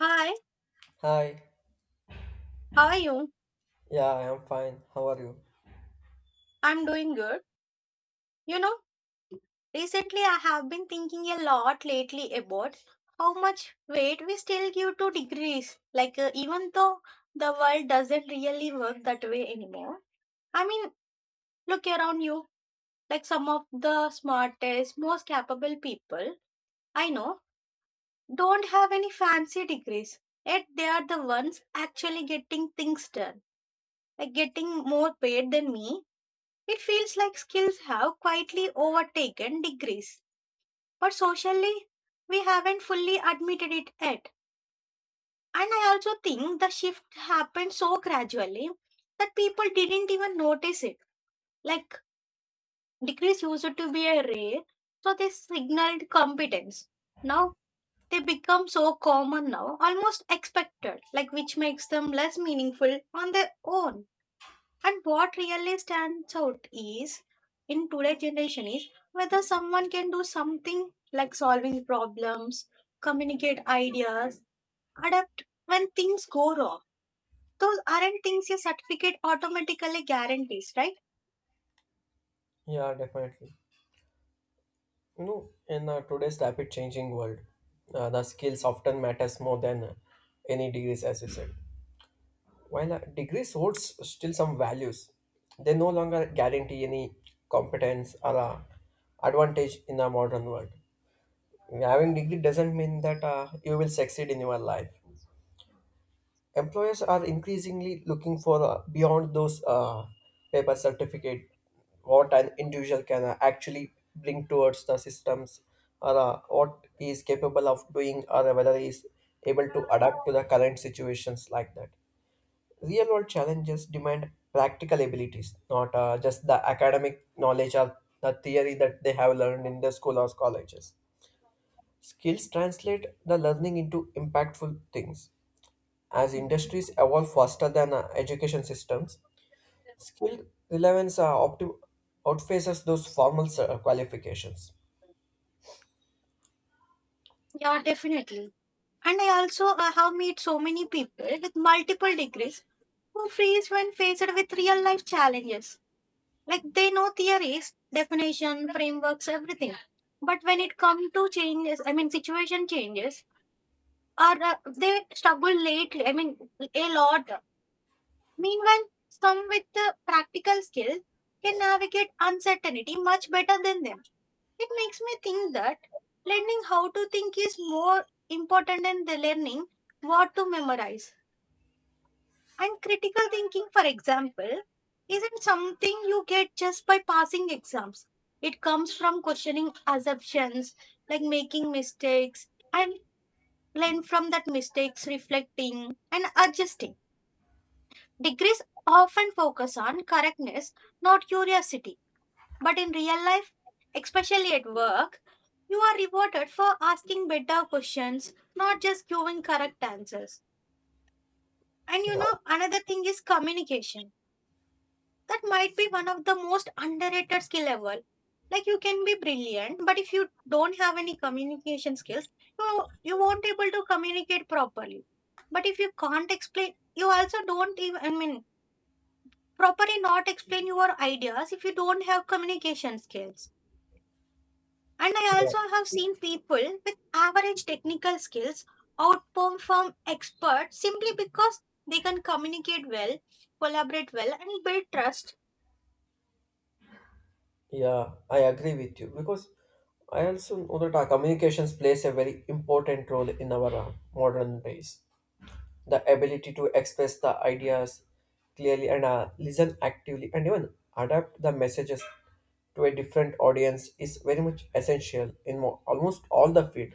Hi, Hi, how are you? yeah, I am fine. How are you? I'm doing good. You know, recently I have been thinking a lot lately about how much weight we still give to degrees. Like, even though the world doesn't really work that way anymore. I mean, look around you. Like, some of the smartest, most capable people I know don't have any fancy degrees. Yet, they are the ones actually getting things done, like getting more paid than me. It feels like skills have quietly overtaken degrees, but socially, we haven't fully admitted it yet. And I also think the shift happened so gradually that people didn't even notice it. Like, degrees used to be a rare, so they signaled competence. Now, they become so common now, almost expected, like which makes them less meaningful on their own. And what really stands out is in today's generation is whether someone can do something like solving problems, communicate ideas, adapt when things go wrong. Those aren't things a certificate automatically guarantees, right? Yeah, definitely. You know, in today's rapid changing world, the skills often matters more than any degrees, as you said. While degrees holds still some values, they no longer guarantee any competence or advantage in the modern world. Having degree doesn't mean that you will succeed in your life. Employers are increasingly looking for beyond those paper certificate, what an individual can actually bring towards the systems, or what he is capable of doing, or whether he is able to adapt to the current situations like that. Real world challenges demand practical abilities, not just the academic knowledge or the theory that they have learned in the school or colleges. Skills translate the learning into impactful things. As industries evolve faster than education systems, skill relevance outpaces those formal qualifications. Yeah, definitely. And I also have met so many people with multiple degrees who freeze when faced with real life challenges. Like they know theories, definition, frameworks, everything, but when it comes to changes, I mean situation changes, or they struggle lately, I mean a lot. Meanwhile, some with the practical skills can navigate uncertainty much better than them. It makes me think that learning how to think is more important than the learning what to memorize. And critical thinking, for example, isn't something you get just by passing exams. It comes from questioning assumptions, like making mistakes, and learn from that mistakes, reflecting and adjusting. Degrees often focus on correctness, not curiosity. But in real life, especially at work, you are rewarded for asking better questions, not just giving correct answers. And you Yeah, know, another thing is communication, that might be one of the most underrated skill level. Like you can be brilliant, but if you don't have any communication skills, you won't be able to communicate properly. But if you can't explain, you also don't even, I mean, properly not explain your ideas if you don't have communication skills. And I yeah, also have seen people with average technical skills outperform experts simply because they can communicate well, collaborate well, and build trust. yeah, I agree with you, because I also know that our communications plays a very important role in our modern days. The ability to express the ideas clearly and listen actively and even adapt the messages to a different audience is very much essential in almost all the field,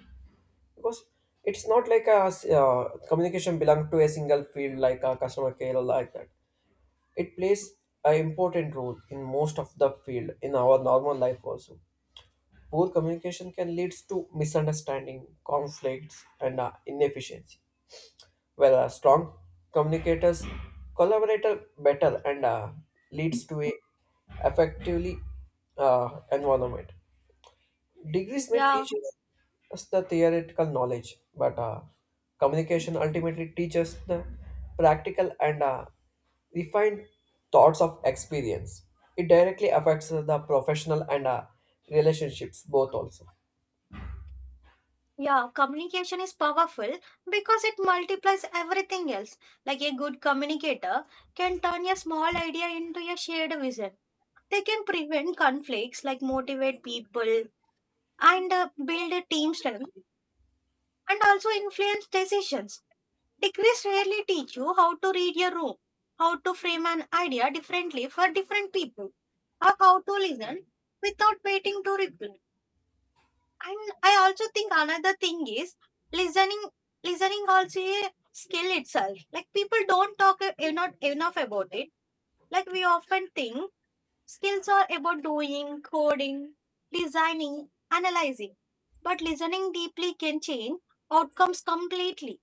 because it's not like a communication belong to a single field like a customer care or like that. It plays an important role in most of the field in our normal life also. Poor communication can lead to misunderstanding, conflicts, and inefficiency, whereas strong communicators collaborate better and leads to a effectively environment. Degrees may Yeah. teach us the theoretical knowledge, but communication ultimately teaches the practical and refined thoughts of experience. It directly affects the professional and relationships both also. Yeah, communication is powerful because it multiplies everything else. Like a good communicator can turn a small idea into a shared vision. They can prevent conflicts, like motivate people and build a team strength, and also influence decisions. Degrees rarely teach you how to read a room, how to frame an idea differently for different people, or how to listen without waiting to reply. And I also think another thing is listening. Listening also a skill itself. Like people don't talk not enough about it. Like we often think skills are about doing, coding, designing, analyzing. But listening deeply can change outcomes completely.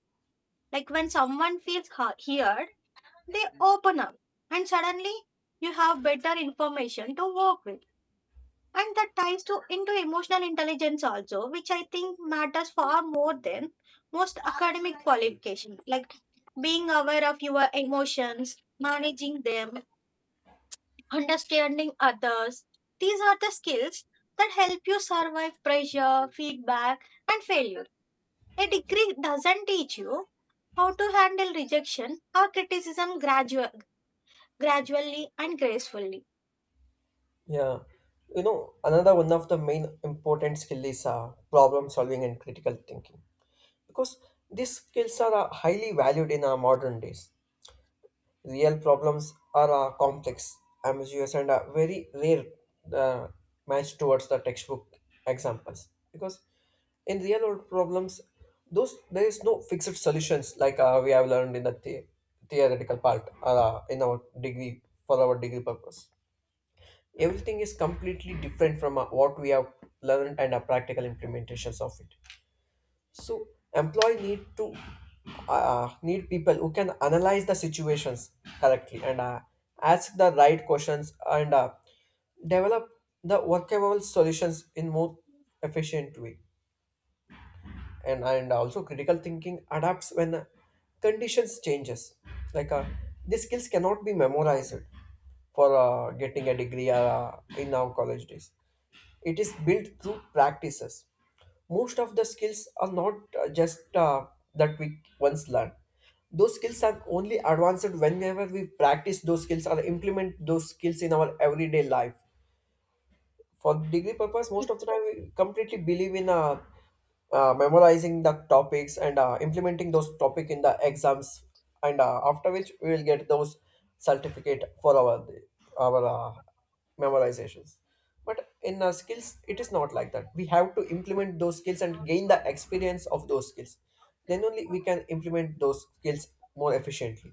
Like when someone feels heard, they open up, and suddenly you have better information to work with, and that ties to into emotional intelligence also, which I think matters far more than most academic qualifications. Like being aware of your emotions, managing them, understanding others. These are the skills that help you survive pressure, feedback, and failure. A degree doesn't teach you how to handle rejection or criticism gradually and gracefully. Yeah, you know, another one of the main important skill is problem solving and critical thinking, because these skills are highly valued in our modern days. Real problems are complex, ambiguous, and a very rare uh, match towards the textbook examples. Because in real world problems, those there is no fixed solutions like we have learned in theoretical part or in our degree for our degree purpose. Everything is completely different from what we have learned and our practical implementations of it. So employee need to need people who can analyze the situations correctly and ask the right questions and develop the workable solutions in more efficient way. And also, critical thinking adapts when conditions changes. Like these skills cannot be memorized for getting a degree in our college days. It is built through practices. Most of the skills are not just that we once learn. Those skills are only advanced whenever we practice those skills or implement those skills in our everyday life. For degree purpose, most of the time we completely believe in memorizing the topics and implementing those topic in the exams, and after which we will get those certificate for our our uh, memorizations. But in skills, it is not like that. We have to implement those skills and gain the experience of those skills, then only we can implement those skills more efficiently.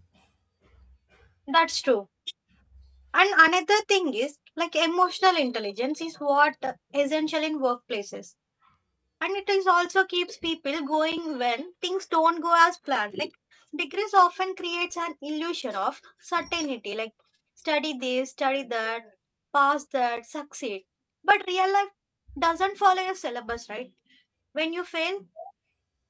That's true. And another thing is like emotional intelligence is what essential in workplaces. And it is also keeps people going when things don't go as planned. Like degrees often creates an illusion of certainty. Like study this, study that, pass that, succeed. But real life doesn't follow your syllabus, right? When you fail,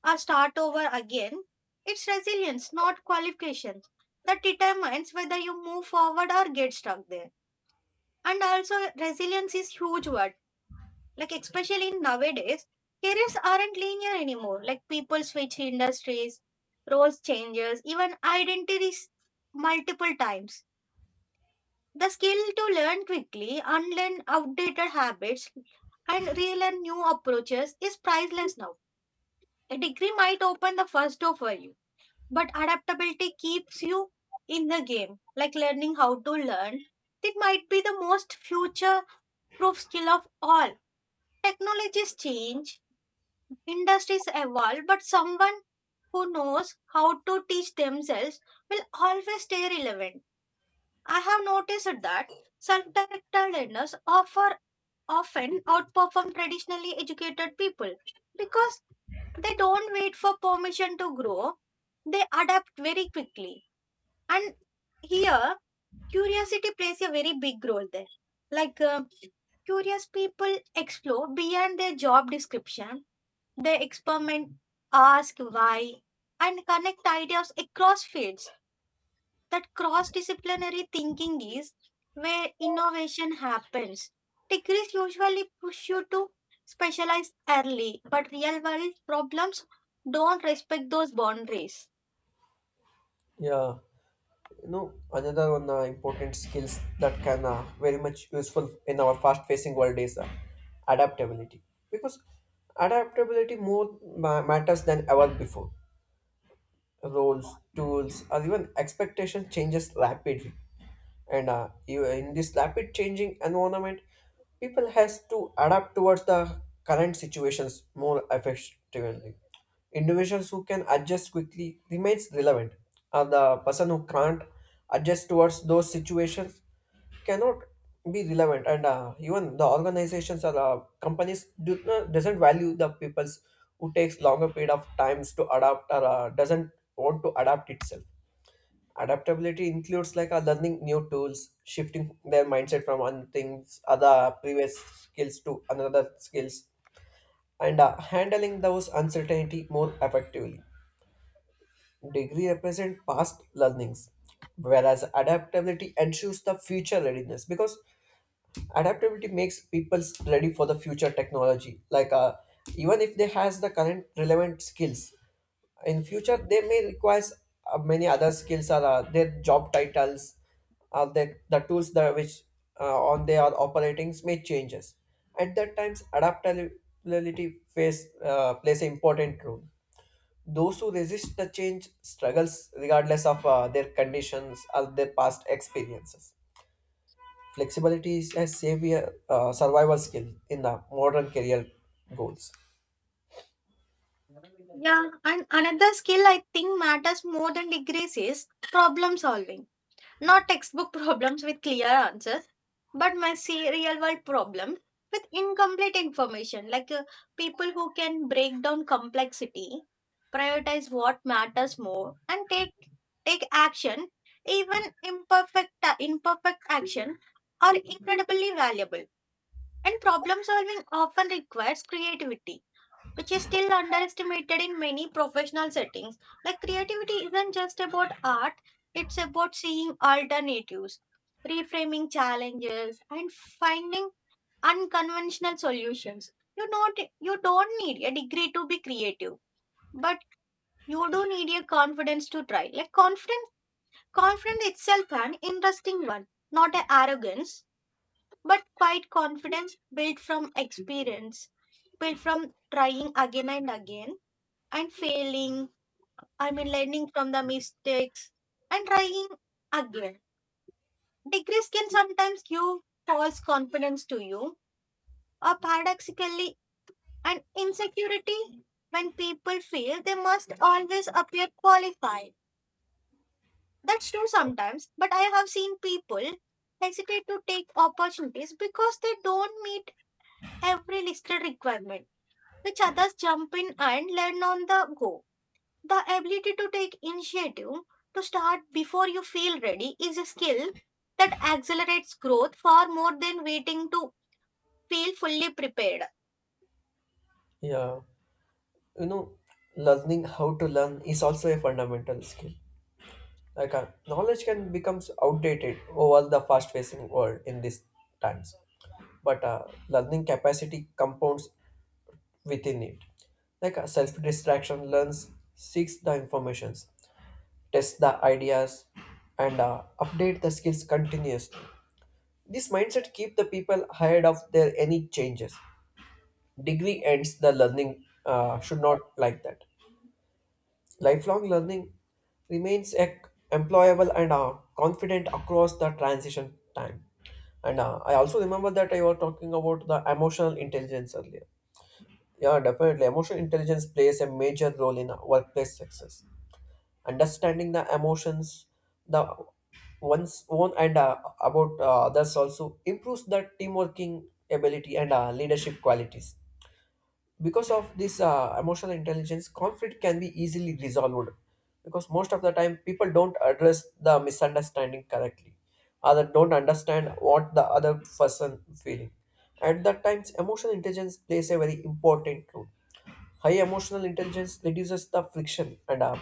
or start over again. It's resilience, not qualifications, that determines whether you move forward or get stuck there. And also, resilience is huge word. Like especially in nowadays, careers aren't linear anymore. Like people switch industries, roles changes, even identities multiple times. The skill to learn quickly, unlearn outdated habits, and relearn new approaches is priceless now. A degree might open the first door for you. But adaptability keeps you in the game, like learning how to learn. It might be the most future proof skill of all. Technologies change, industries evolve, but someone who knows how to teach themselves will always stay relevant. I have noticed that self directed learners offer often outperform traditionally educated people because they don't wait for permission to grow, they adapt very quickly. And here, curiosity plays a very big role there. Like, curious people explore beyond their job description, they experiment, ask why, and connect ideas across fields. That cross disciplinary thinking is where innovation happens. Degrees usually push you to specialize early, but real world problems don't respect those boundaries. Yeah, you know, another one important skills that can very much useful in our fast facing world is adaptability. Because adaptability more matters than ever before. Roles, tools, or even expectation changes rapidly. And in this rapid changing environment, people has to adapt towards the current situations more effectively. Individuals who can adjust quickly remains relevant, and the person who can't adjust towards those situations cannot be relevant, and even the organizations or companies do not doesn't value the peoples who takes longer period of times to adapt or doesn't want to adapt itself. Adaptability includes like learning new tools, shifting their mindset from one things other previous skills to another skills, and handling those uncertainty more effectively. Degree represent past learnings, whereas adaptability ensures the future readiness, because adaptability makes people ready for the future technology. Like even if they has the current relevant skills, in future they may require many other skills or their job titles or the tools that which on they are operating may changes. At that times adaptability face plays an important role. Those who resist the change struggles regardless of their conditions or their past experiences. Flexibility is a savior, survival skill in the modern career goals. Yeah, and another skill I think matters more than degrees is problem solving. Not textbook problems with clear answers, but real world problem with incomplete information. Like people who can break down complexity, prioritize what matters more, and take action, even imperfect action, are incredibly valuable. And problem solving often requires creativity, which is still underestimated in many professional settings. Like creativity isn't just about art, it's about seeing alternatives, reframing challenges, and finding unconventional solutions. You don't need a degree to be creative, but you do need a confidence to try. Like confidence itself an interesting one, not a arrogance, but quite confidence built from experience, built from trying again and again and failing, I mean, learning from the mistakes and trying again. Degrees can sometimes give false confidence to you, or paradoxically, an insecurity when people feel they must always appear qualified. That's true sometimes, but I have seen people hesitate to take opportunities because they don't meet every listed requirement, which others jump in and learn on the go. The ability to take initiative, to start before you feel ready, is a skill that accelerates growth far more than waiting to feel fully prepared. Yeah, you know, learning how to learn is also a fundamental skill. Like knowledge can become outdated over the fast-facing world in these times, but learning capacity compounds within it. Like self-distraction learns, seeks the informations, tests the ideas, and update the skills continuously. This mindset keep the people ahead of their any changes. Degree ends the learning should not like that. Lifelong learning remains a employable and confident across the transition time. And I also remember that I was talking about the emotional intelligence earlier. Yeah, definitely. Emotional intelligence plays a major role in workplace success. Understanding the emotions, the one's own and about others, also improves the team working ability and leadership qualities. Because of this emotional intelligence, conflict can be easily resolved, because most of the time people don't address the misunderstanding correctly, other don't understand what the other person feeling. At that times emotional intelligence plays a very important role. High emotional intelligence reduces the friction and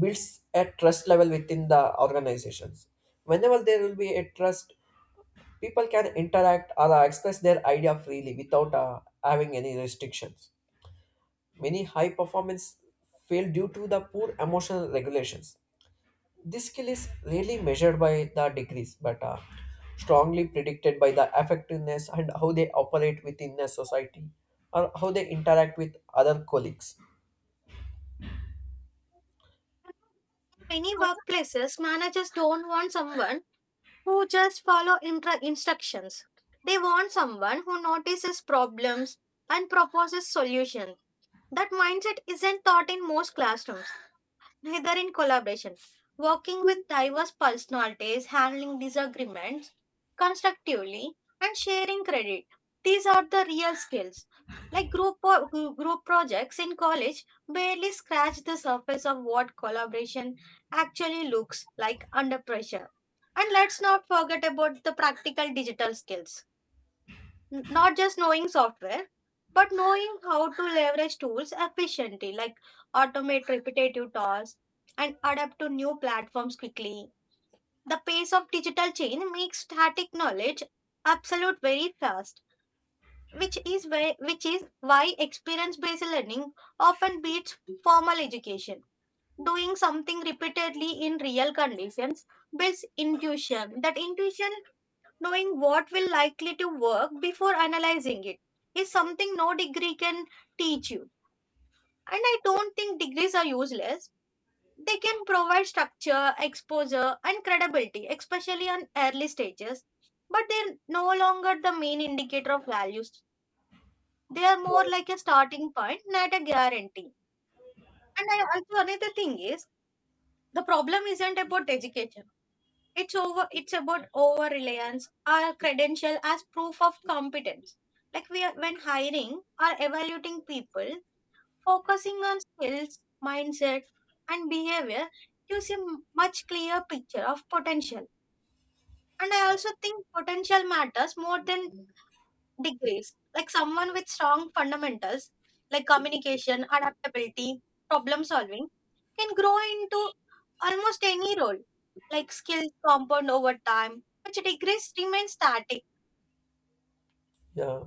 builds a trust level within the organizations. Whenever there will be a trust, people can interact or express their idea freely without having any restrictions. Many high performance fail due to the poor emotional regulations. This skill is rarely measured by the degrees, but strongly predicted by the effectiveness and how they operate within a society or how they interact with other colleagues. In Many workplaces, managers don't want someone who just follow instructions. They want someone who notices problems and proposes solutions. That mindset isn't taught in most classrooms. Neither in collaboration. Working with diverse personalities, handling disagreements constructively, and sharing credit. These are the real skills. Like group projects in college barely scratch the surface of what collaboration actually looks like under pressure. And let's not forget about the practical digital skills. Not just knowing software, but knowing how to leverage tools efficiently, like automate repetitive tasks and adapt to new platforms quickly. The pace of digital change makes static knowledge absolute very fast, which is why experience based learning often beats formal education. Doing something repeatedly in real conditions builds intuition. That intuition, knowing what will likely to work before analyzing it, is something no degree can teach you. And I don't think degrees are useless. They can provide structure, exposure, and credibility, especially on early stages. But they're no longer the main indicator of values. They are more like a starting point, not a guarantee. And I also another thing is the problem isn't about education. It's over. It's about over reliance. Our credential as proof of competence. Like we are when hiring or evaluating people, focusing on skills, mindset, and behavior gives a much clearer picture of potential. And I also think potential matters more than degrees. Like someone with strong fundamentals like communication, adaptability, problem solving can grow into almost any role. Like skills compound over time, which degrees remain static. Yeah,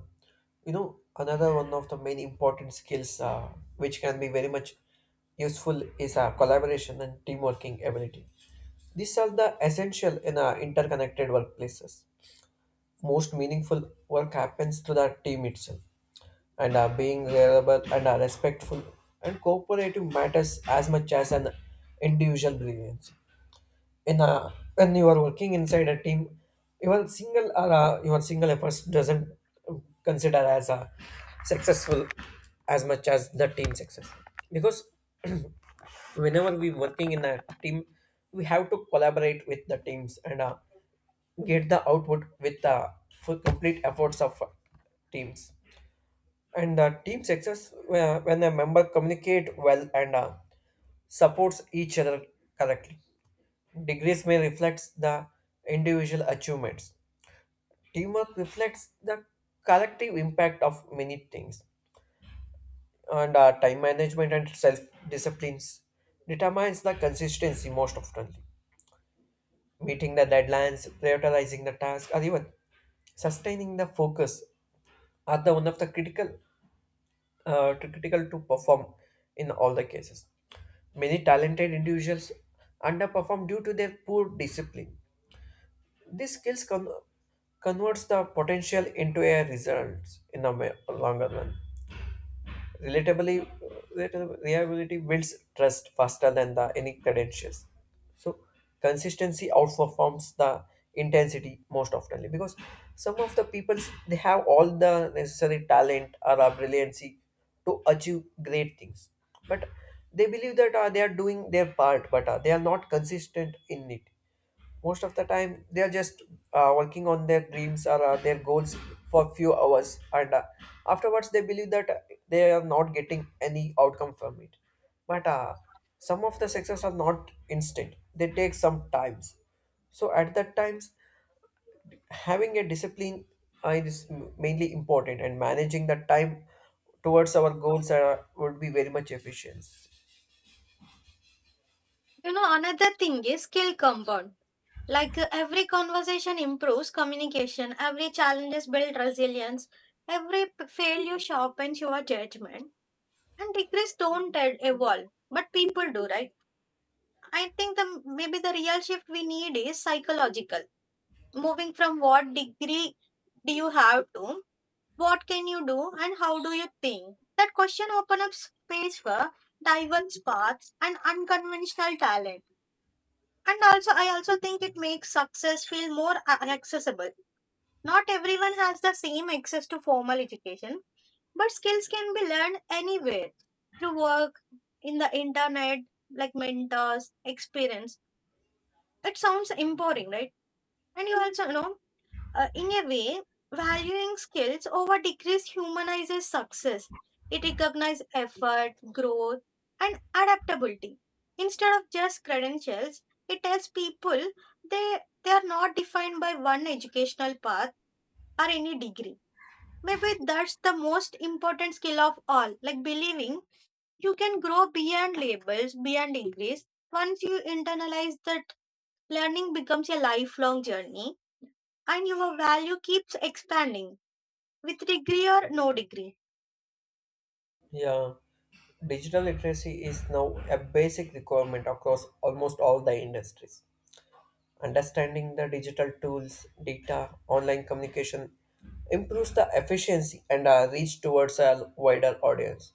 you know, another one of the main important skills which can be very much useful is collaboration and team working ability. These are the essential in interconnected workplaces. Most meaningful work happens through the team itself, and being reliable and respectful and cooperative matters as much as an individual brilliance. In a when you are working inside a team, even single or your single efforts doesn't consider as a successful as much as the team success. Because whenever we working in a team, we have to collaborate with the teams and get the output with the full complete efforts of teams and the team success when a member communicate well and supports each other correctly. Degrees may reflect the individual achievements. Teamwork reflects the collective impact of many things. And time management and self disciplines determines the consistency most often. Meeting the deadlines, prioritizing the task, or even sustaining the focus are the one of the critical to perform in all the cases. Many talented individuals underperform due to their poor discipline. These skills converts the potential into a results in the longer run. Relatably, relata- reliability builds trust faster than the any credentials. So consistency outperforms the intensity most oftenly, because some of the people, they have all the necessary talent or a brilliancy to achieve great things, but they believe that they are doing their part, but they are not consistent in it. Most of the time they are just working on their dreams or their goals for few hours, and afterwards they believe that they are not getting any outcome from it. But some of the success are not instant, they take some times. So at that times, having a discipline is mainly important, and managing the time towards our goals would be very much efficient. You know, another thing is skill compound. Like every conversation improves communication, every challenges build resilience, failure sharpens your judgment. And degrees don't evolve, but people do, right? I think the maybe the real shift we need is psychological. Moving from what degree do you have to, what can you do, and how do you think? That question opens up space for diverse paths and unconventional talent. And also, I also think it makes success feel more accessible. Not everyone has the same access to formal education, but skills can be learned anywhere, through work, in the internet, like mentors, experience. It sounds empowering, right? And you also you know, in a way, valuing skills over degrees humanizes success. It recognizes effort, growth, and adaptability. Instead of just credentials, it tells people they are not defined by one educational path or any degree. Maybe that's the most important skill of all, like believing you can grow beyond labels, beyond degrees. Once you internalize that, learning becomes a lifelong journey and your value keeps expanding with degree or no degree. Yeah. Digital literacy is now a basic requirement across almost all the industries. Understanding the digital tools, data, online communication improves the efficiency and reach towards a wider audience.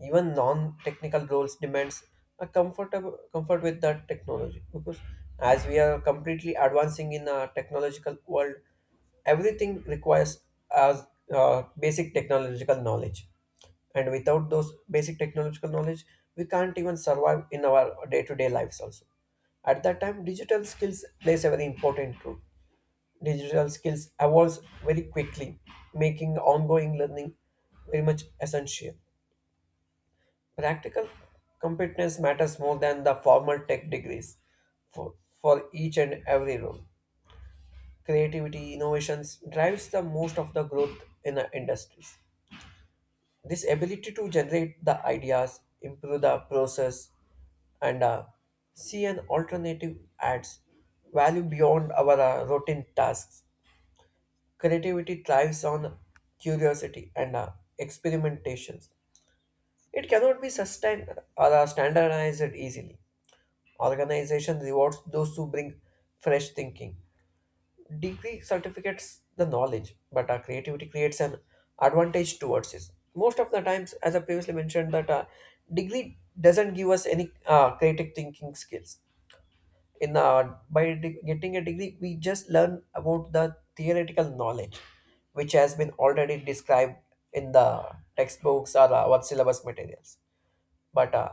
Even non-technical roles demands a comfortable comfort with the technology, because as we are completely advancing in a technological world, everything requires as basic technological knowledge, and without those basic technological knowledge we can't even survive in our day-to-day lives also. At that time digital skills plays a very important role. Digital skills evolves very quickly, making ongoing learning very much essential. Practical competence matters more than the formal tech degrees, for each and every role. Creativity innovations drives the most of the growth in the industries. This ability to generate the ideas, improve the process, and see an alternative adds value beyond our routine tasks. Creativity thrives on curiosity and experimentations. It cannot be sustained or standardized easily. Organization rewards those who bring fresh thinking. Degree certificates the knowledge, but our creativity creates an advantage towards it. Most of the times, as I previously mentioned, that degree doesn't give us any creative thinking skills. In getting a degree, we just learn about the theoretical knowledge, which has been already described in the textbooks or our syllabus materials. But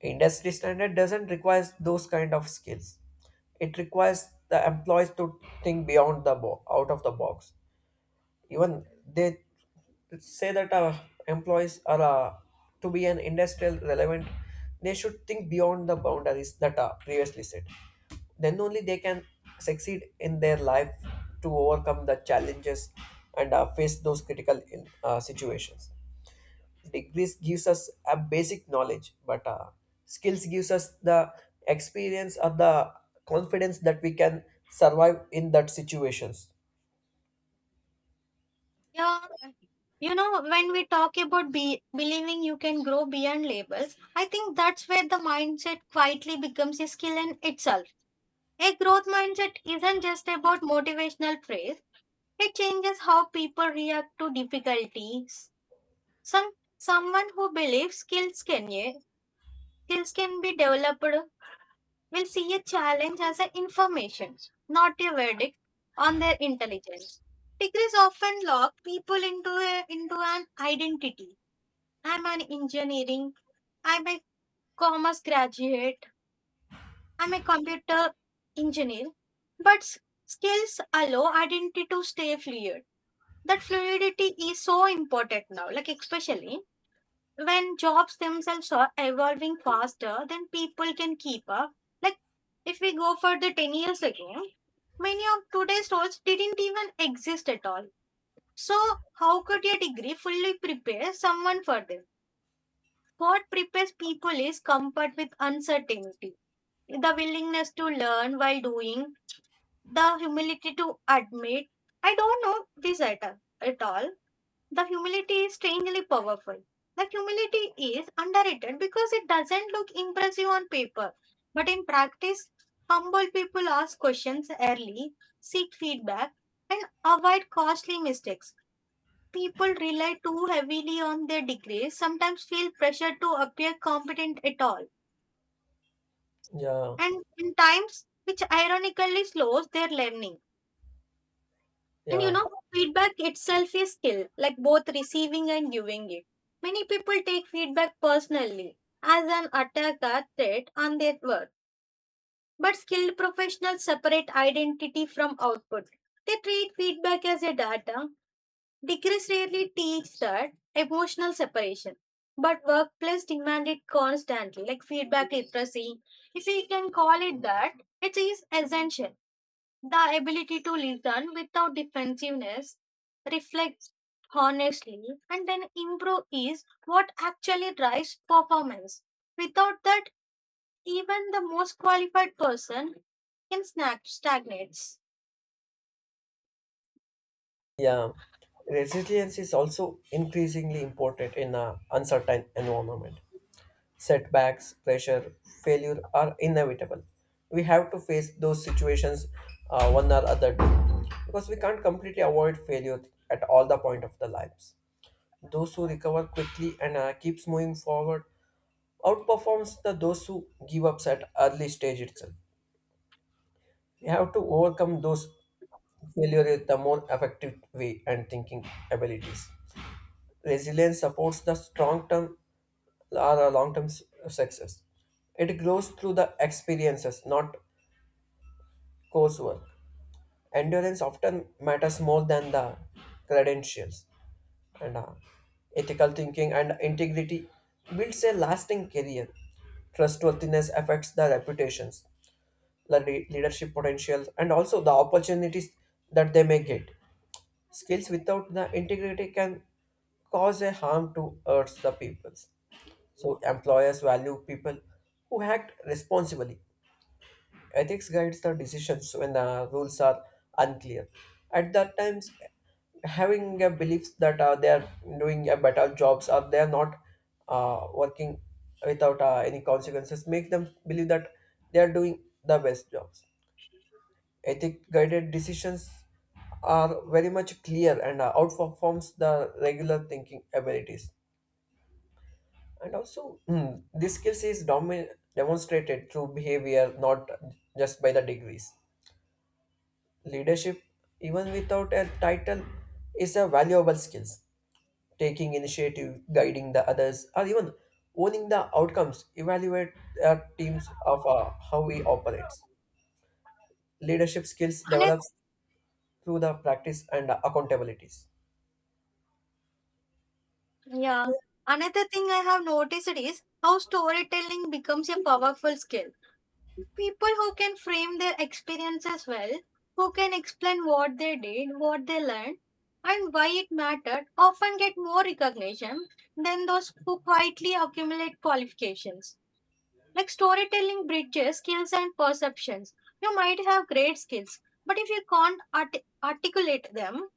industry standard doesn't require those kind of skills. It requires the employees to think beyond the out of the box. Even they say that employees are to be an industrial relevant, they should think beyond the boundaries that are previously set, then only they can succeed in their life, to overcome the challenges and face those critical situations. Degrees gives us a basic knowledge, but skills gives us the experience or the confidence that we can survive in that situations. Yeah, you know, when we talk about believing you can grow beyond labels, I think that's where the mindset quietly becomes a skill in itself. A growth mindset isn't just about motivational phrase, it changes how people react to difficulties. Some Someone who believes skills can be developed will see a challenge as an information, not a verdict on their intelligence. Degrees often lock people into an identity. I'm an engineering, I'm a commerce graduate, I'm a computer engineer. But skills allow identity to stay fluid. That fluidity is so important now, like especially when jobs themselves are evolving faster than people can keep up. Like if we go for the 10 years ago, Many of today's stores didn't even exist at all. So, how could a degree fully prepare someone for them? What prepares people is comfort with uncertainty, the willingness to learn while doing, the humility to admit I don't know this at all. The humility is strangely powerful. The humility is underrated because it doesn't look impressive on paper, but in practice, humble people ask questions early, seek feedback, and avoid costly mistakes. People rely too heavily on their degrees, sometimes feel pressure to appear competent at all, Yeah, and in times which ironically slows their learning. And you yeah, know, feedback itself is skill, like both receiving and giving it. Many people take feedback personally as an attack or threat on their work. But skilled professionals separate identity from output. They treat feedback as a data. Degrees rarely teach that emotional separation. But workplace demand it constantly, like feedback literacy. If we can call it that, it is essential. The ability to listen without defensiveness, reflect honestly, and then improve is what actually drives performance. Without that, even the most qualified person can stagnates. yeah. Resilience is also increasingly important in an uncertain environment. Setbacks, pressure, failure are inevitable. We have to face those situations one or other day, because we can't completely avoid failure at all the point of the lives. Those who recover quickly and keeps moving forward outperforms the those who give up at early stage itself. We have to overcome those failure with the more effective way and thinking abilities. Resilience supports the strong term or a long term success. It grows through the experiences, not coursework. Endurance often matters more than the credentials. And ethical thinking and integrity builds a lasting career. Trustworthiness affects the reputations, the leadership potentials, and also the opportunities that they may get. Skills without the integrity can cause a harm towards the peoples. So employers value people who act responsibly. Ethics guides the decisions when the rules are unclear. At that times, having a belief that they are doing a better jobs or they are not working without any consequences, makes them believe that they are doing the best jobs. Ethic guided decisions are very much clear and outperforms the regular thinking abilities. And also, this skills is demonstrated through behavior, not just by the degrees. Leadership, even without a title, is a valuable skill. Taking initiative, guiding the others, or even owning the outcomes, evaluate our teams of how we operate. Leadership skills Another, develops through the practice and accountabilities. yeah. Another thing I have noticed is how storytelling becomes a powerful skill. People who can frame their experiences well, who can explain what they did, what they learned, and why it mattered, often get more recognition than those who quietly accumulate qualifications. Like storytelling bridges skills and perceptions. You might have great skills, but if you can't articulate them,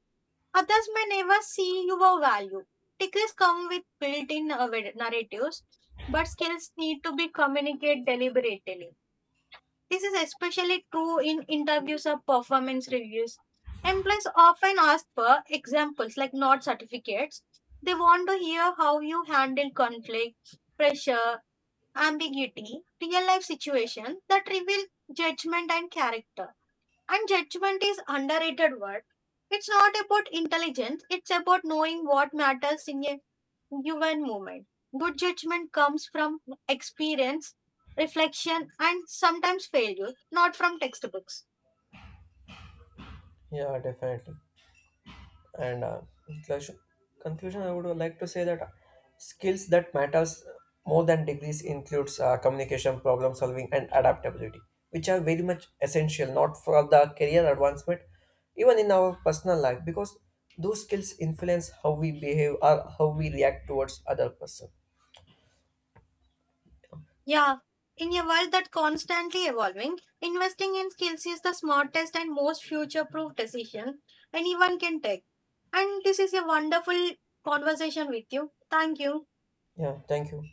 others may never see your value. Degrees come with built-in narratives, but skills need to be communicated deliberately. This is especially true in interviews or performance reviews. Employees often ask for examples, like not certificates. They want to hear how you handle conflict, pressure, ambiguity, real life situations that reveal judgment and character. And judgment is underrated word. It's not about intelligence, it's about knowing what matters in a human moment. Good judgment comes from experience, reflection, and sometimes failure, not from textbooks. Yeah, definitely. And in conclusion I would like to say that skills that matters more than degrees includes communication, problem solving, and adaptability, which are very much essential, not for the career advancement, even in our personal life, because those skills influence how we behave or how we react towards other person. Yeah, in a world that constantly evolving, investing in skills is the smartest and most future-proof decision anyone can take. And this is a wonderful conversation with you. Thank you. Yeah, thank you.